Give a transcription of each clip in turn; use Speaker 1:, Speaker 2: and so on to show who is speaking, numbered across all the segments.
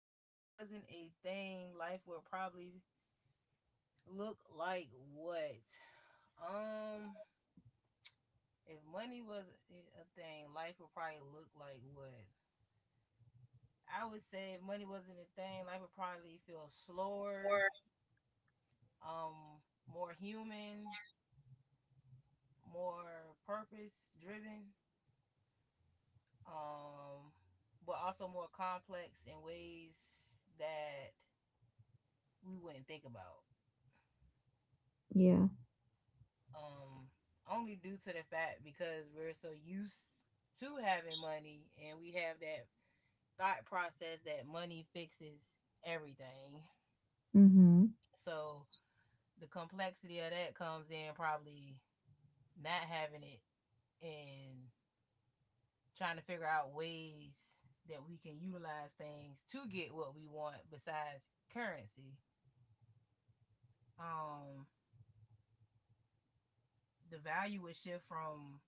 Speaker 1: money wasn't a thing, life would probably look like what? Um, if money was a thing, life would probably look like what? I would say if money wasn't a thing, life would probably feel slower,
Speaker 2: Or
Speaker 1: um, more human, more purpose driven, um, but also more complex in ways that we wouldn't think about.
Speaker 2: yeah.
Speaker 1: Um, Only due to the fact because we're so used to having money and we have that thought process that money fixes everything.
Speaker 2: Mm-hmm.
Speaker 1: So the complexity of that comes in probably not having it and trying to figure out ways that we can utilize things to get what we want besides currency. Um the value would shift from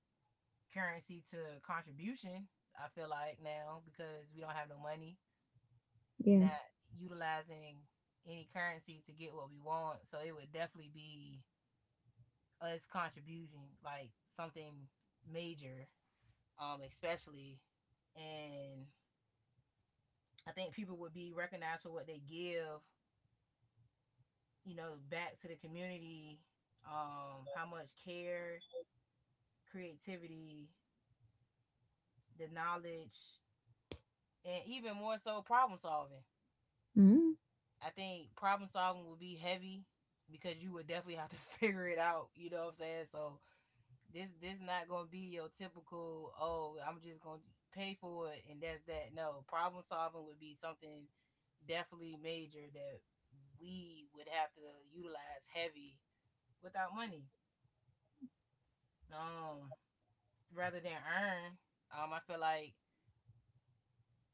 Speaker 1: currency to contribution. I feel like now because we don't have no money, we're
Speaker 2: Yeah.
Speaker 1: not utilizing any currency to get what we want. So it would definitely be us contributing like something major, especially. And I think people would be recognized for what they give, you know, back to the community, how much care, creativity, the knowledge, and even more so problem solving.
Speaker 2: Mm-hmm.
Speaker 1: I think problem solving would be heavy because you would definitely have to figure it out, you know what I'm saying? So this not gonna be your typical. Oh, I'm just gonna pay for it and that's that. No, problem solving would be something definitely major that we would have to utilize heavy without money. Um, Rather than earn. I feel like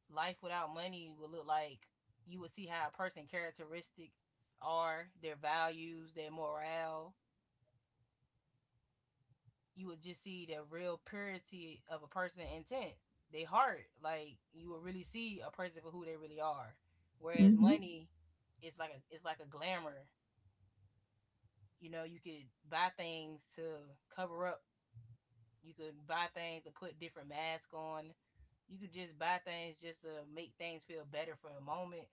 Speaker 1: life without money would look like you would see how a person characteristics are, their values, their morale. You would just see the real purity of a person's intent, their heart. Like you would really see a person for who they really are. Whereas
Speaker 2: Mm-hmm.
Speaker 1: money, it's like a glamour. You know, you could buy things to cover up. You could buy things to put different masks on. You could just buy things just to make things feel better for the moment.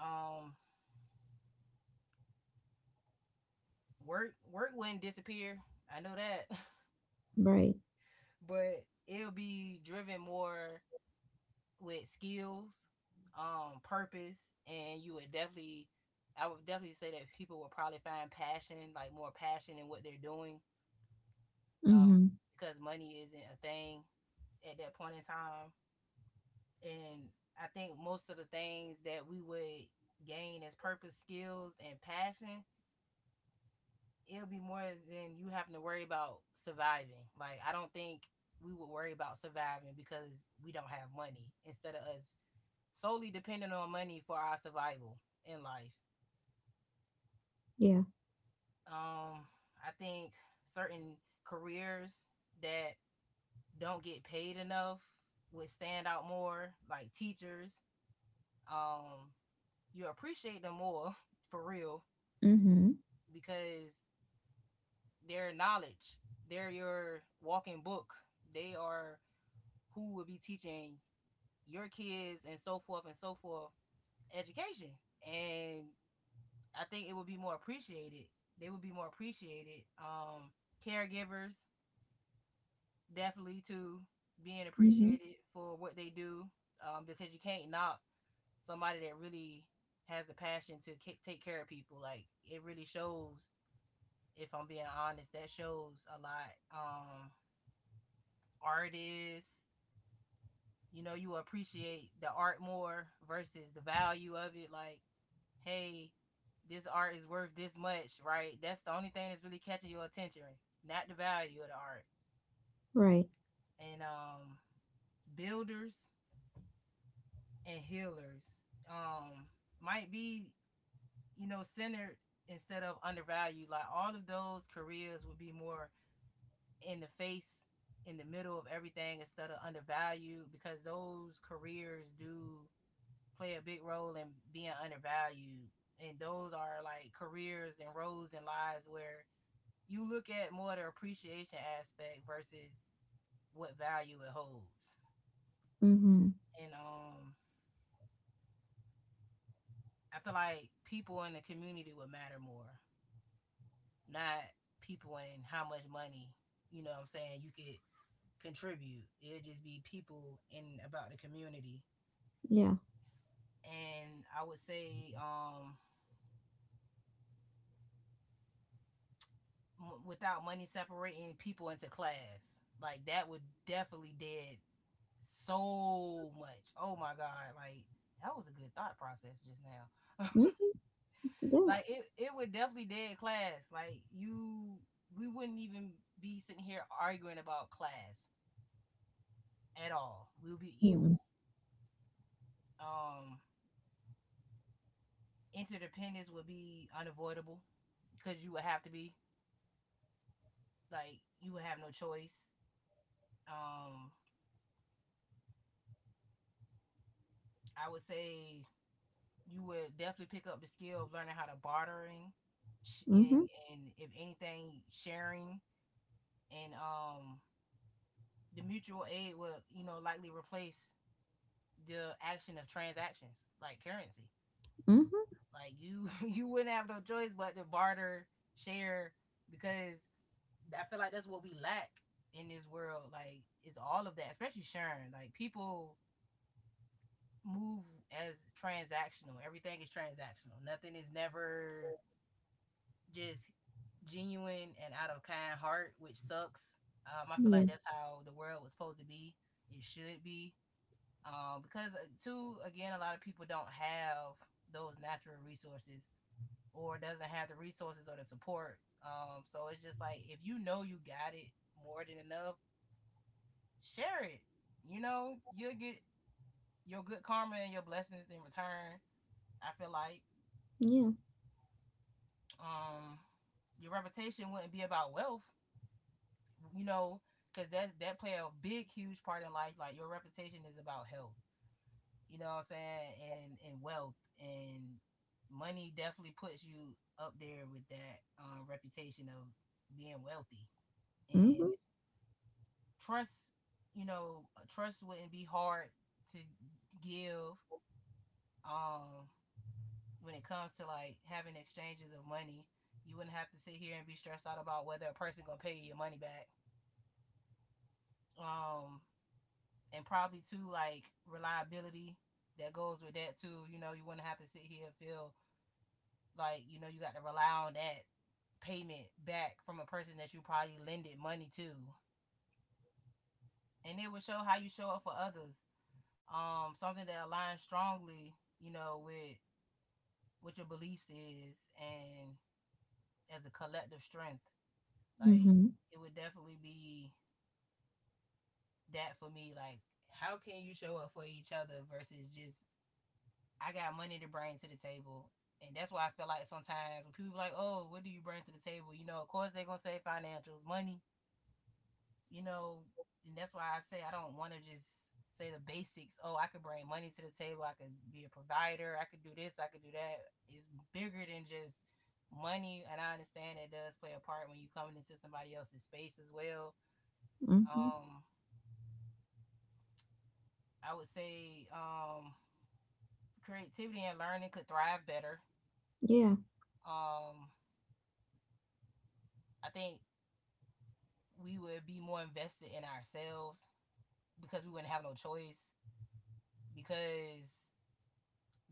Speaker 1: Um, work wouldn't disappear. I know that,
Speaker 2: Right.
Speaker 1: but it'll be driven more with skills, purpose. And you would definitely, I would definitely say that people will probably find passion, like more passion in what they're doing, um,
Speaker 2: Mm-hmm.
Speaker 1: because money isn't a thing at that point in time. And I think most of the things that we would gain as purpose, skills, and passion, it'll be more than you having to worry about surviving. Like, I don't think we would worry about surviving because we don't have money instead of us solely dependent on money for our survival in life.
Speaker 2: Yeah.
Speaker 1: Um, I think certain careers that don't get paid enough would stand out more, like teachers. Um, you appreciate them more for real
Speaker 2: Mm-hmm.
Speaker 1: because their knowledge, they're your walking book. They are who will be teaching your kids and so forth and so forth, education. And I think it would be more appreciated. They would be more appreciated. Caregivers definitely too, being
Speaker 2: Mm-hmm.
Speaker 1: appreciated for what they do. Because you can't knock somebody that really has the passion to take care of people. Like it really shows. If I'm being honest, that shows a lot. Artists, you know, you appreciate the art more versus the value of it. Like hey, this art is worth this much, right? That's the only thing that's really catching your attention, not the value of the art.
Speaker 2: Right.
Speaker 1: And builders and healers um, might be, you know, centered instead of undervalued. Like all of those careers would be more in the face, in the middle of everything instead of undervalued because those careers do play a big role in being undervalued. And those are like careers and roles and lives where you look at more the appreciation aspect versus what value it holds.
Speaker 2: Mm-hmm.
Speaker 1: And I feel like people in the community would matter more, not people and how much money, you know what I'm saying, you could contribute. It'd just be people in about the community.
Speaker 2: Yeah.
Speaker 1: And I would say without money separating people into class, like that would definitely dead so much. Oh my god, like that was a good thought process just now.
Speaker 2: Mm-hmm. Yeah.
Speaker 1: Like it would definitely dead class. Like you, we wouldn't even be sitting here arguing about class at all. We'll be
Speaker 2: Mm-hmm.
Speaker 1: equal. Um, Interdependence would be unavoidable because you would have to be, like you would have no choice. Um, I would say you would definitely pick up the skill of learning how to bartering,
Speaker 2: Mm-hmm.
Speaker 1: and if anything, sharing, and the mutual aid will, you know, likely replace the action of transactions like currency.
Speaker 2: Mm-hmm.
Speaker 1: Like you, you wouldn't have no choice but to barter, share, because I feel like that's what we lack in this world. Like it's all of that, especially sharing. Like people move as transactional. Everything is transactional. Nothing is never just genuine and out of kind heart, which sucks. I feel
Speaker 2: Yeah.
Speaker 1: like that's how the world was supposed to be. It should be. Because too, again, a lot of people don't have those natural resources or doesn't have the resources or the support, so it's just like if you know you got it more than enough, share it. You know you'll get your good karma and your blessings in return, I feel like.
Speaker 2: Yeah.
Speaker 1: um, your reputation wouldn't be about wealth, you know, because that play a big huge part in life. Like your reputation is about health, you know what I'm saying, and wealth and money definitely puts you up there with that, reputation of being wealthy,
Speaker 2: Mm-hmm.
Speaker 1: and trust. You know, trust wouldn't be hard to give. Um, when it comes to like having exchanges of money, you wouldn't have to sit here and be stressed out about whether a person gonna pay you your money back. Um, and probably too, like reliability that goes with that too. You know, you wouldn't have to sit here and feel like, you know, you got to rely on that payment back from a person that you probably lended money to. And it would show how you show up for others. Something that aligns strongly, you know, with what your beliefs is and as a collective strength. Like
Speaker 2: Mm-hmm.
Speaker 1: it would definitely be that for me. Like, how can you show up for each other versus just I got money to bring to the table? And that's why I feel like sometimes when people be like, oh, what do you bring to the table? You know, of course they're gonna say financials, money, you know, and that's why I say I don't want to just say the basics. Oh, I could bring money to the table. I could be a provider. I could do this. I could do that. It's bigger than just money. And I understand it does play a part when you are coming into somebody else's space as well.
Speaker 2: Mm-hmm.
Speaker 1: Um, I would say creativity and learning could thrive better.
Speaker 2: Yeah.
Speaker 1: Um, I think we would be more invested in ourselves because we wouldn't have no choice. Because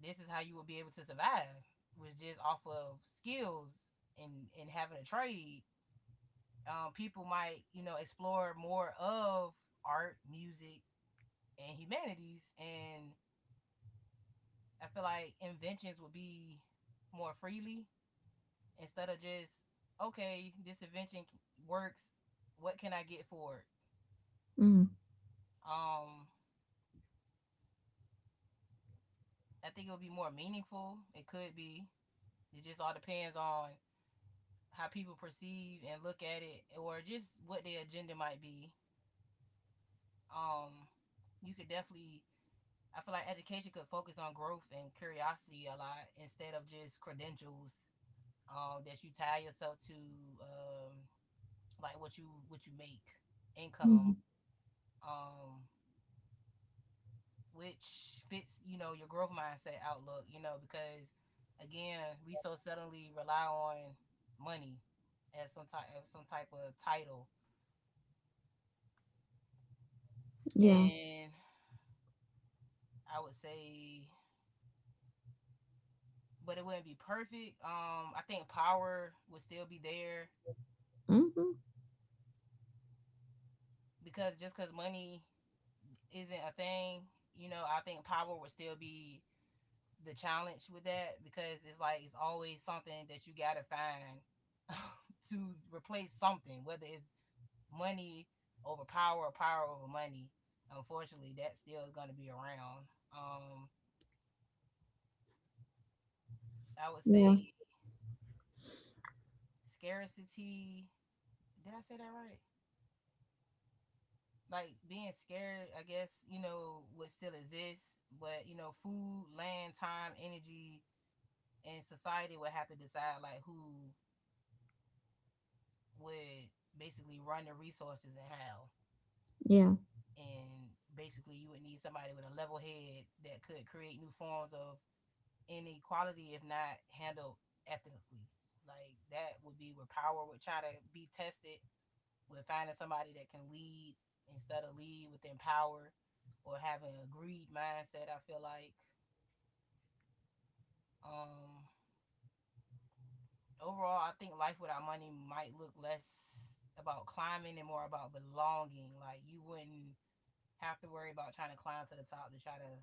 Speaker 1: this is how you will be able to survive, was just off of skills and having a trade. People might, you know, explore more of art, music, and humanities, and I feel like inventions would be more freely instead of just okay, this invention works. What can I get for it?
Speaker 2: Mm-hmm.
Speaker 1: Um, I think it would be more meaningful. It could be. It just all depends on how people perceive and look at it or just what their agenda might be. um you could definitely, I feel like education could focus on growth and curiosity a lot instead of just credentials, that you tie yourself to, um like what you make,
Speaker 2: Mm-hmm.
Speaker 1: income, um which fits, you know, your growth mindset outlook, you know, because again, we so suddenly rely on money as some type of title.
Speaker 2: Yeah.
Speaker 1: And I would say, but it wouldn't be perfect. I think power would still be there
Speaker 2: Mm-hmm.
Speaker 1: because just because money isn't a thing, you know, I think power would still be the challenge with that because it's like it's always something that you gotta find to replace something, whether it's money over power or power over money. Unfortunately, that still is gonna be around. Um, I would
Speaker 2: Yeah.
Speaker 1: say scarcity. Did I say that right? Like being scared, I guess, would still exist. But you know, food, land, time, energy, and society would have to decide like who would basically run the resources and how.
Speaker 2: Yeah.
Speaker 1: And basically you would need somebody with a level head that could create new forms of inequality if not handled ethically. Like that would be where power would try to be tested, with finding somebody that can lead instead of lead with empower, or have an agreed mindset, I feel like. Um Overall, I think life without money might look less about climbing and more about belonging. Like you wouldn't have to worry about trying to climb to the top to try to,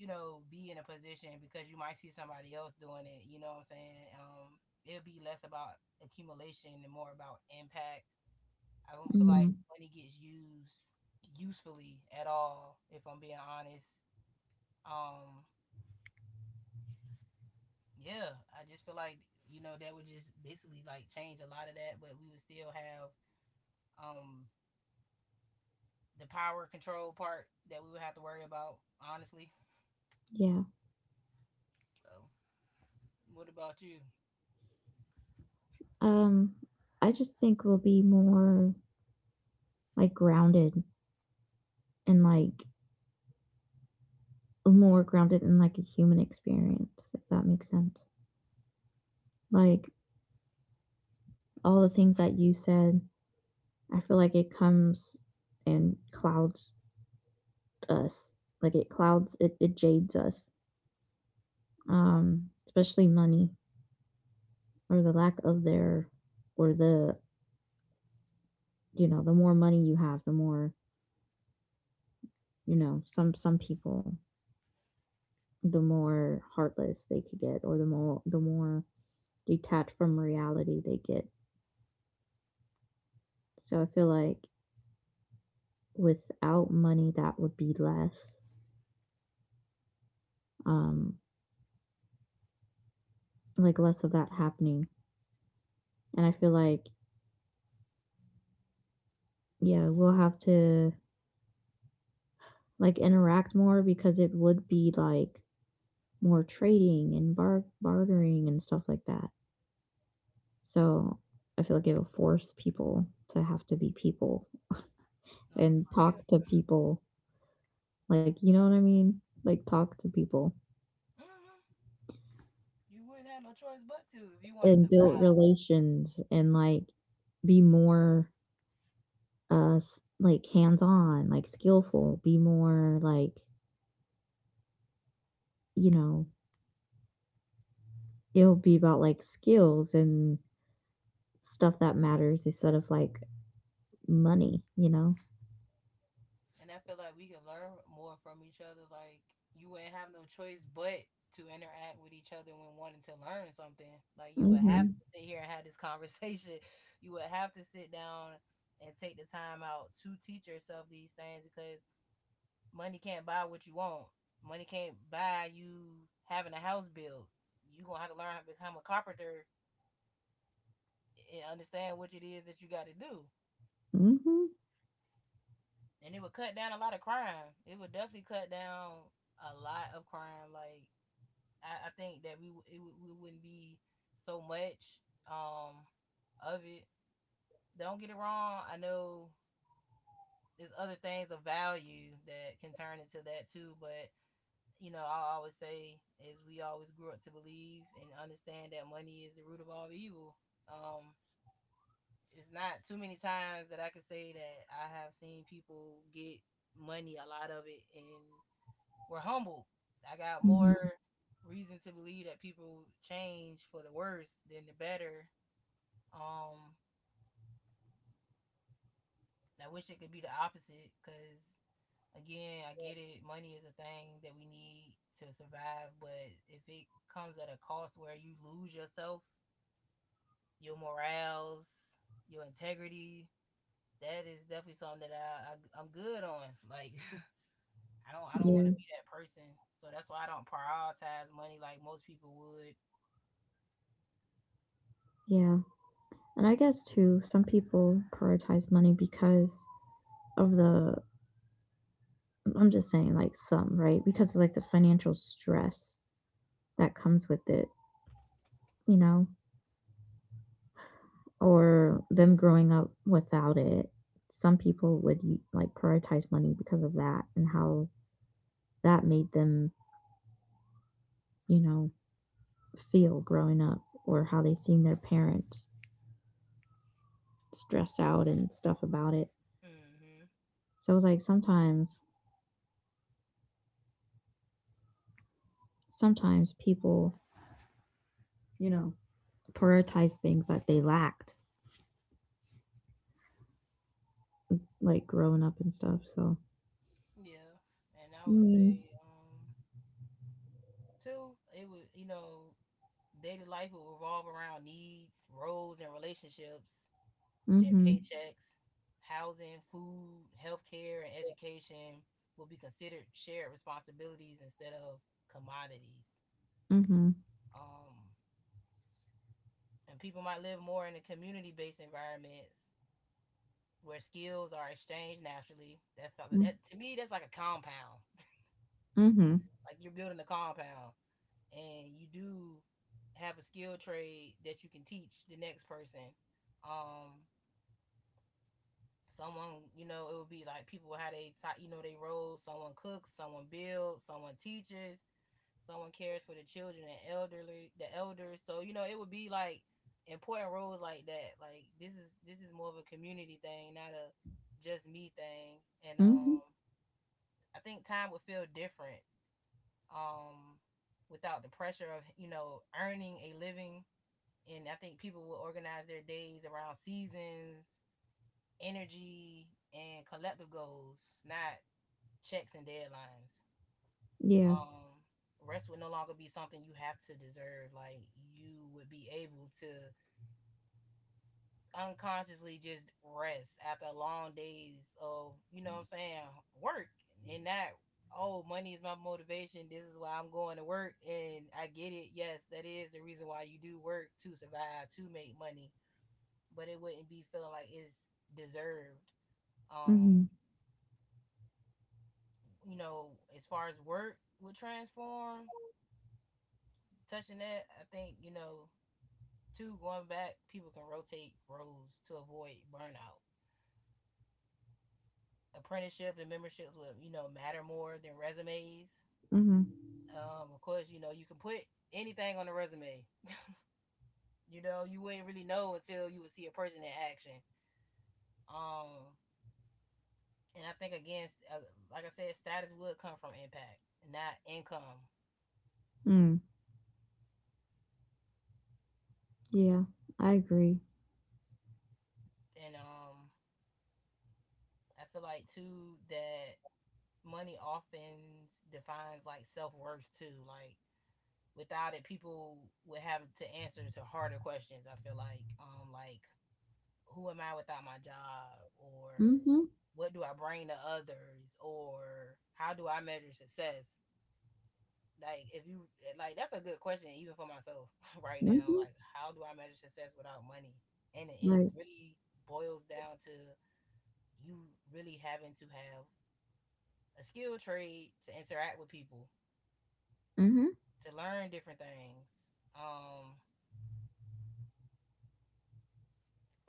Speaker 1: be in a position because you might see somebody else doing it. You know what I'm saying? It'll be less about accumulation and more about impact. I don't feel like
Speaker 2: Mm-hmm.
Speaker 1: money gets used usefully at all, if I'm being honest. Um, yeah, I just feel like, that would just basically like change a lot of that, but we would still have um the power control part that we would have to worry about, honestly.
Speaker 2: Yeah.
Speaker 1: So what about you?
Speaker 2: Um, I just think we'll be more like grounded and like more grounded in like a human experience, if that makes sense. Like, all the things that you said, I feel like it comes and clouds us. Like, it clouds, it jades us, especially money or the lack of their, or the, the more money you have, the more, you know, some people, the more heartless they could get or the more detached from reality they get. So I feel like without money, that would be less, um, like less of that happening. And I feel like yeah, we'll have to like interact more because it would be like more trading and bartering and stuff like that. So I feel like it will force people to have to be people
Speaker 1: No,
Speaker 2: and
Speaker 1: for real.
Speaker 2: talk to people. Like, you know what I mean? Like, talk to people
Speaker 1: Mm hmm You wouldn't have no choice but to if you wanted to
Speaker 2: and build
Speaker 1: survive.
Speaker 2: relations and like be more, like hands on, like skillful, be more like, you know, it'll be about like skills and stuff that matters instead of like money, you know?
Speaker 1: And I feel like we can learn more from each other. Like you wouldn't have no choice but to interact with each other when wanting to learn something. Like you would have
Speaker 2: Mhm.
Speaker 1: to sit here and have this conversation. You would have to sit down and take the time out to teach yourself these things because money can't buy what you want. Money can't buy you having a house built. You gonna have to learn how to become a carpenter and understand what it is that you got to do.
Speaker 2: Mhm.
Speaker 1: And it would cut down a lot of crime. It would definitely cut down a lot of crime. Like I think that we wouldn't be so much um of it. Don't get it wrong. I know there's other things of value that can turn into that too, but you know I always say, as we always grew up to believe and understand, that money is the root of all evil. Um, it's not too many times that I could say that I have seen people get money, a lot of it, and we're humble. I got more
Speaker 2: Mhm.
Speaker 1: reason to believe that people change for the worse than the better. Um, I wish it could be the opposite because, again, I get it. Money is a thing that we need to survive, but if it comes at a cost where you lose yourself, your morals, your integrity, that is definitely something that I'm good on. Like, I don't want
Speaker 2: Yeah.
Speaker 1: to be that person, so that's why I don't prioritize money like most people would.
Speaker 2: Yeah. And I guess too, some people prioritize money because of the I'm just saying like some, right? Because of like the financial stress that comes with it, you know, or them growing up without it. Some people would like prioritize money because of that and how that made them, you know, feel growing up or how they seen their parents stress out and stuff about it.
Speaker 1: Mm-hmm.
Speaker 2: So it's like sometimes people, you know, prioritize things that they lacked, like growing up and stuff. So,
Speaker 1: Yeah, and I
Speaker 2: I
Speaker 1: would
Speaker 2: mean,
Speaker 1: say, too, it would, daily life would revolve around needs, roles, and relationships, then
Speaker 2: mm-hmm,
Speaker 1: paychecks. Housing, food, healthcare, and education will be considered shared responsibilities instead of commodities.
Speaker 2: mm-hmm,
Speaker 1: Um, and people might live more in a community-based environments where skills are exchanged naturally. That felt like
Speaker 2: mm,
Speaker 1: that to me, that's like a compound.
Speaker 2: mm-hmm,
Speaker 1: Like you're building a compound and you do have a skill trade that you can teach the next person. Um, Someone, it would be like people how they you know, they roles. Someone cooks, someone builds, someone teaches, someone cares for the children and elderly, the elders. So you know, it would be like important roles like that. Like this is more of a community thing, not a just me thing. And
Speaker 2: mm-hmm,
Speaker 1: I think time would feel different. Um, Without the pressure of, you know, earning a living. And I think people will organize their days around seasons, energy, and collective goals, not checks and deadlines.
Speaker 2: yeah,
Speaker 1: Um, Rest would no longer be something you have to deserve. Like you would be able to unconsciously just rest after long days of, you know what I'm saying, work, and not, oh, money is my motivation. This is why I'm going to work. And I get it. Yes, that is the reason why you do work to survive, to make money. But it wouldn't be feeling like it's deserved. Um,
Speaker 2: mm-hmm,
Speaker 1: you know, as far as work would transform, touching that, I think, two, going back, people can rotate roles to avoid burnout. Apprenticeship and memberships will, matter more than resumes.
Speaker 2: mm-hmm,
Speaker 1: Of course, you can put anything on a resume. You know, you wouldn't really know until you would see a person in action. Um, and I think again, like I said, status would come from impact, not income.
Speaker 2: mm, yeah, I agree.
Speaker 1: And I feel like too that money often defines like self worth too. Like without it, people would have to answer to harder questions. I feel like who am I without my job, or
Speaker 2: Mm-hmm,
Speaker 1: what do I bring to others, or how do I measure success? Like if you like that's a good question even for myself right now.
Speaker 2: mm-hmm,
Speaker 1: Like how do I measure success without money? And it
Speaker 2: right,
Speaker 1: really boils down to you really having to have a skill trade to interact with people,
Speaker 2: mm-hmm,
Speaker 1: to learn different things. Um,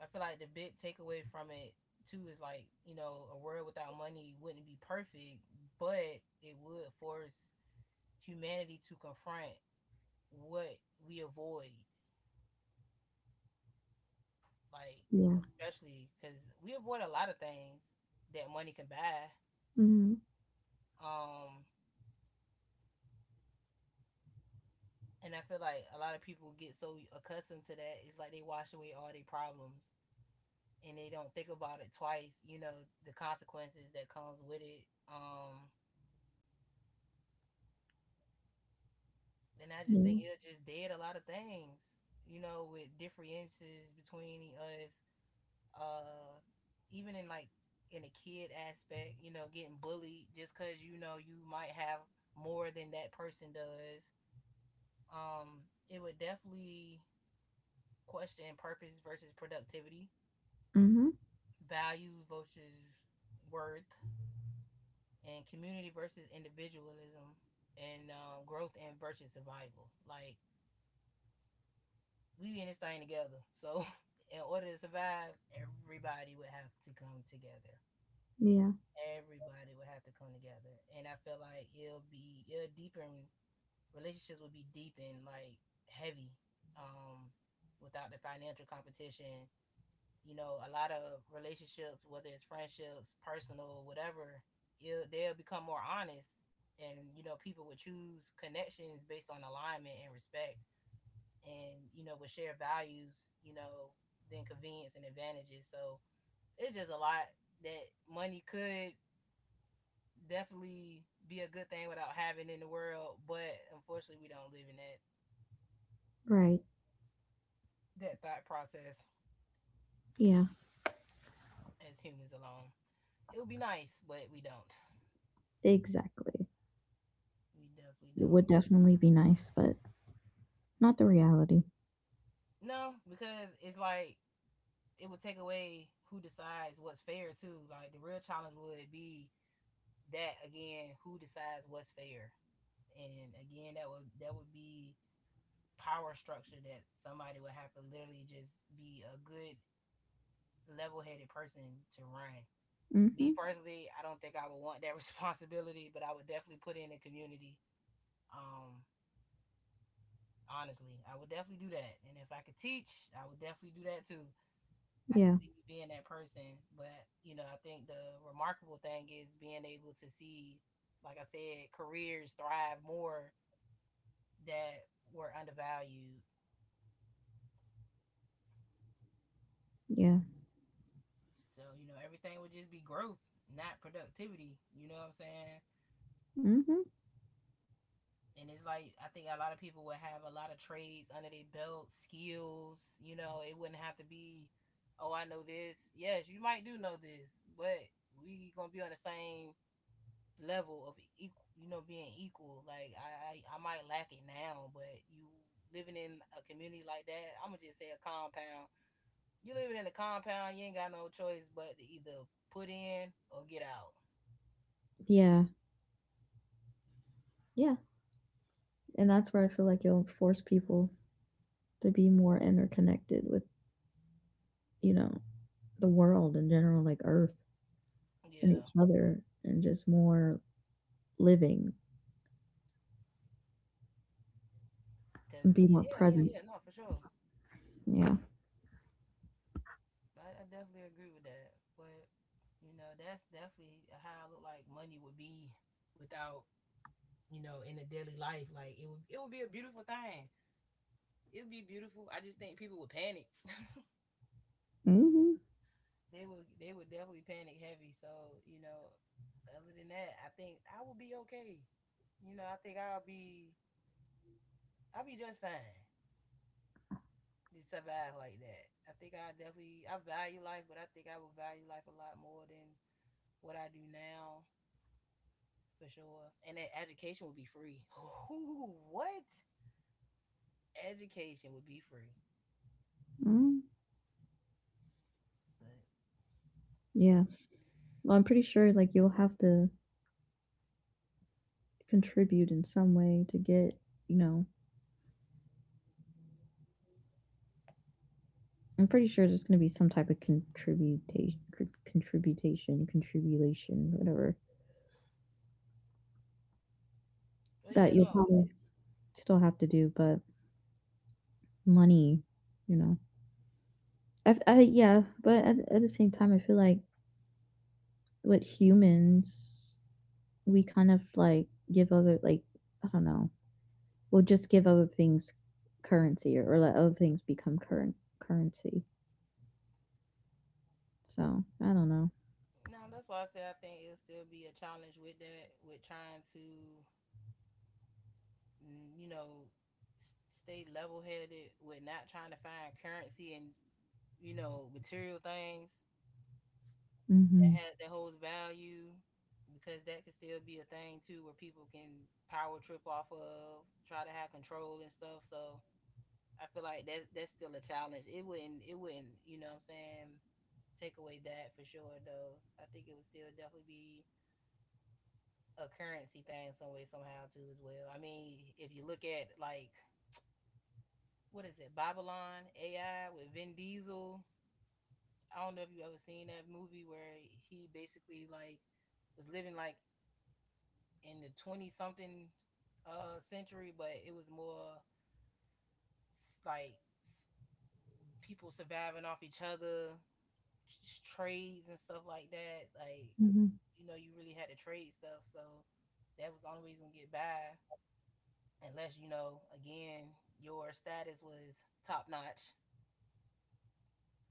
Speaker 1: I feel like the big takeaway from it too is like, you know, a world without money wouldn't be perfect, but it would force humanity to confront what we avoid, like
Speaker 2: yeah,
Speaker 1: especially because we avoid a lot of things that money can buy.
Speaker 2: mm-hmm,
Speaker 1: Um, and I feel like a lot of people get so accustomed to that, it's like they wash away all their problems and they don't think about it twice, you know, the consequences that comes with it. Um, and I just
Speaker 2: yeah,
Speaker 1: think it just did a lot of things, you know, with differences between us, uh, even in like in a kid aspect, you know, getting bullied just because you know you might have more than that person does. Um, it would definitely question purpose versus productivity,
Speaker 2: mm-hmm,
Speaker 1: values versus worth, and community versus individualism, and growth and versus survival. Like we in this thing together. So in order to survive, everybody would have to come together.
Speaker 2: yeah,
Speaker 1: Everybody would have to come together. And I feel like it'll be, it'll deepen, relationships would be deepened like heavy. Um Without the financial competition, you know, a lot of relationships, whether it's friendships, personal, whatever, they'll become more honest. And you know, people would choose connections based on alignment and respect, and you know, with shared values, you know, then convenience and advantages. So it's just a lot that money could definitely be a good thing without having in the world, but unfortunately we don't live in that,
Speaker 2: right,
Speaker 1: that thought process
Speaker 2: yeah,
Speaker 1: as humans alone. It would be nice, but we don't,
Speaker 2: exactly.
Speaker 1: we definitely
Speaker 2: It would
Speaker 1: don't.
Speaker 2: definitely be nice, but not the reality.
Speaker 1: No, because it's like it would take away who decides what's fair too. Like the real challenge would be that, again, who decides what's fair, and again that would be power structure that somebody would have to literally just be a good level-headed person to run. Me
Speaker 2: Mm-hmm,
Speaker 1: personally, I don't think I would want that responsibility, but I would definitely put in the community. Um, Honestly, I would definitely do that, and if I could teach, I would definitely do that too. I can
Speaker 2: yeah,
Speaker 1: see me being that person, but you know, I think the remarkable thing is being able to see, like I said, careers thrive more that were undervalued.
Speaker 2: yeah,
Speaker 1: So, you know, everything would just be growth, not productivity. You know what I'm saying?
Speaker 2: mm-hmm.
Speaker 1: And it's like I think a lot of people would have a lot of trades under their belt, skills, you know, it wouldn't have to be, oh, I know this. Yes, you might do know this, but we gonna be on the same level of equal, you know, being equal. Like I might lack it now, but you living in a community like that, I'm gonna just say a compound. You living in a compound, you ain't got no choice but to either put in or get out.
Speaker 2: Yeah. Yeah. And that's where I feel like you will force people to be more interconnected with, you know, the world in general, like Earth and
Speaker 1: Yeah,
Speaker 2: each other, and just more living and be more
Speaker 1: Yeah, yeah,
Speaker 2: present.
Speaker 1: yeah. No, for sure.
Speaker 2: Yeah.
Speaker 1: I definitely agree with that. But you know, that's definitely how I look like money would be without, you know, in a daily life. Like it would be a beautiful thing. It'd be beautiful. I just think people would panic.
Speaker 2: Hmm.
Speaker 1: They would definitely panic heavy. So you know, other than that, I think I will be okay. You know, I think I'll be just fine to survive like that. I think I definitely, I value life, but I think I will value life a lot more than what I do now for sure. And that education will be free. Ooh, what? Education would be free,
Speaker 2: Mm.
Speaker 1: but we gonna.
Speaker 2: Yeah. Well, I'm pretty sure like you'll have to contribute in some way to get, you know, I'm pretty sure there's going to be some type of contribution, whatever
Speaker 1: But yeah,
Speaker 2: that you'll
Speaker 1: no,
Speaker 2: probably still have to do, but money, you know I Yeah, but at the same time, I feel like with humans, we kind of like give other like I don't know, we'll just give other things currency or let other things become current currency. So I don't know.
Speaker 1: no. That's why I say I think it'll still be a challenge with that, with trying to you know, stay level headed with not trying to find currency and, you know, material things that
Speaker 2: Mm-hmm.
Speaker 1: has that holds value, because that could still be a thing too where people can power trip off of, try to have control and stuff. So I feel like that's still a challenge. It wouldn't, you know what I'm saying, take away that for sure though. I think it would still definitely be a currency thing some way somehow too, as well. I mean, if you look at like, what is it, Babylon AI with Vin Diesel. I don't know if you ever seen that movie, where he basically like was living like in the twenty something century, but it was more like s- people surviving off each other, trades and stuff like that. Like
Speaker 2: Mm-hmm.
Speaker 1: you know, you really had to trade stuff, so that was the only way you gonna get by, unless, you know, again, your status was top notch.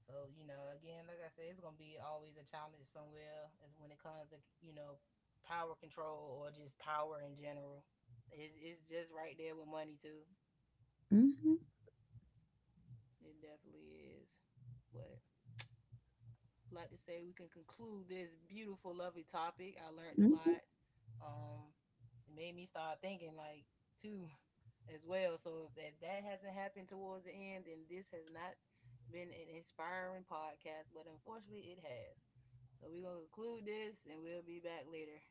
Speaker 1: So you know, again, like I said, it's gonna be always a challenge somewhere as when it comes to, you know, power control, or just power in general. It's just right there with money too.
Speaker 2: Mm-hmm.
Speaker 1: It definitely is, but would like to say we can conclude this beautiful, lovely topic. I learned a
Speaker 2: Mm-hmm.
Speaker 1: lot. Um, it made me start thinking, like, too, as well. So if that, that hasn't happened towards the end, then this has not been an inspiring podcast, but unfortunately it has. So we're going to conclude this and we'll be back later.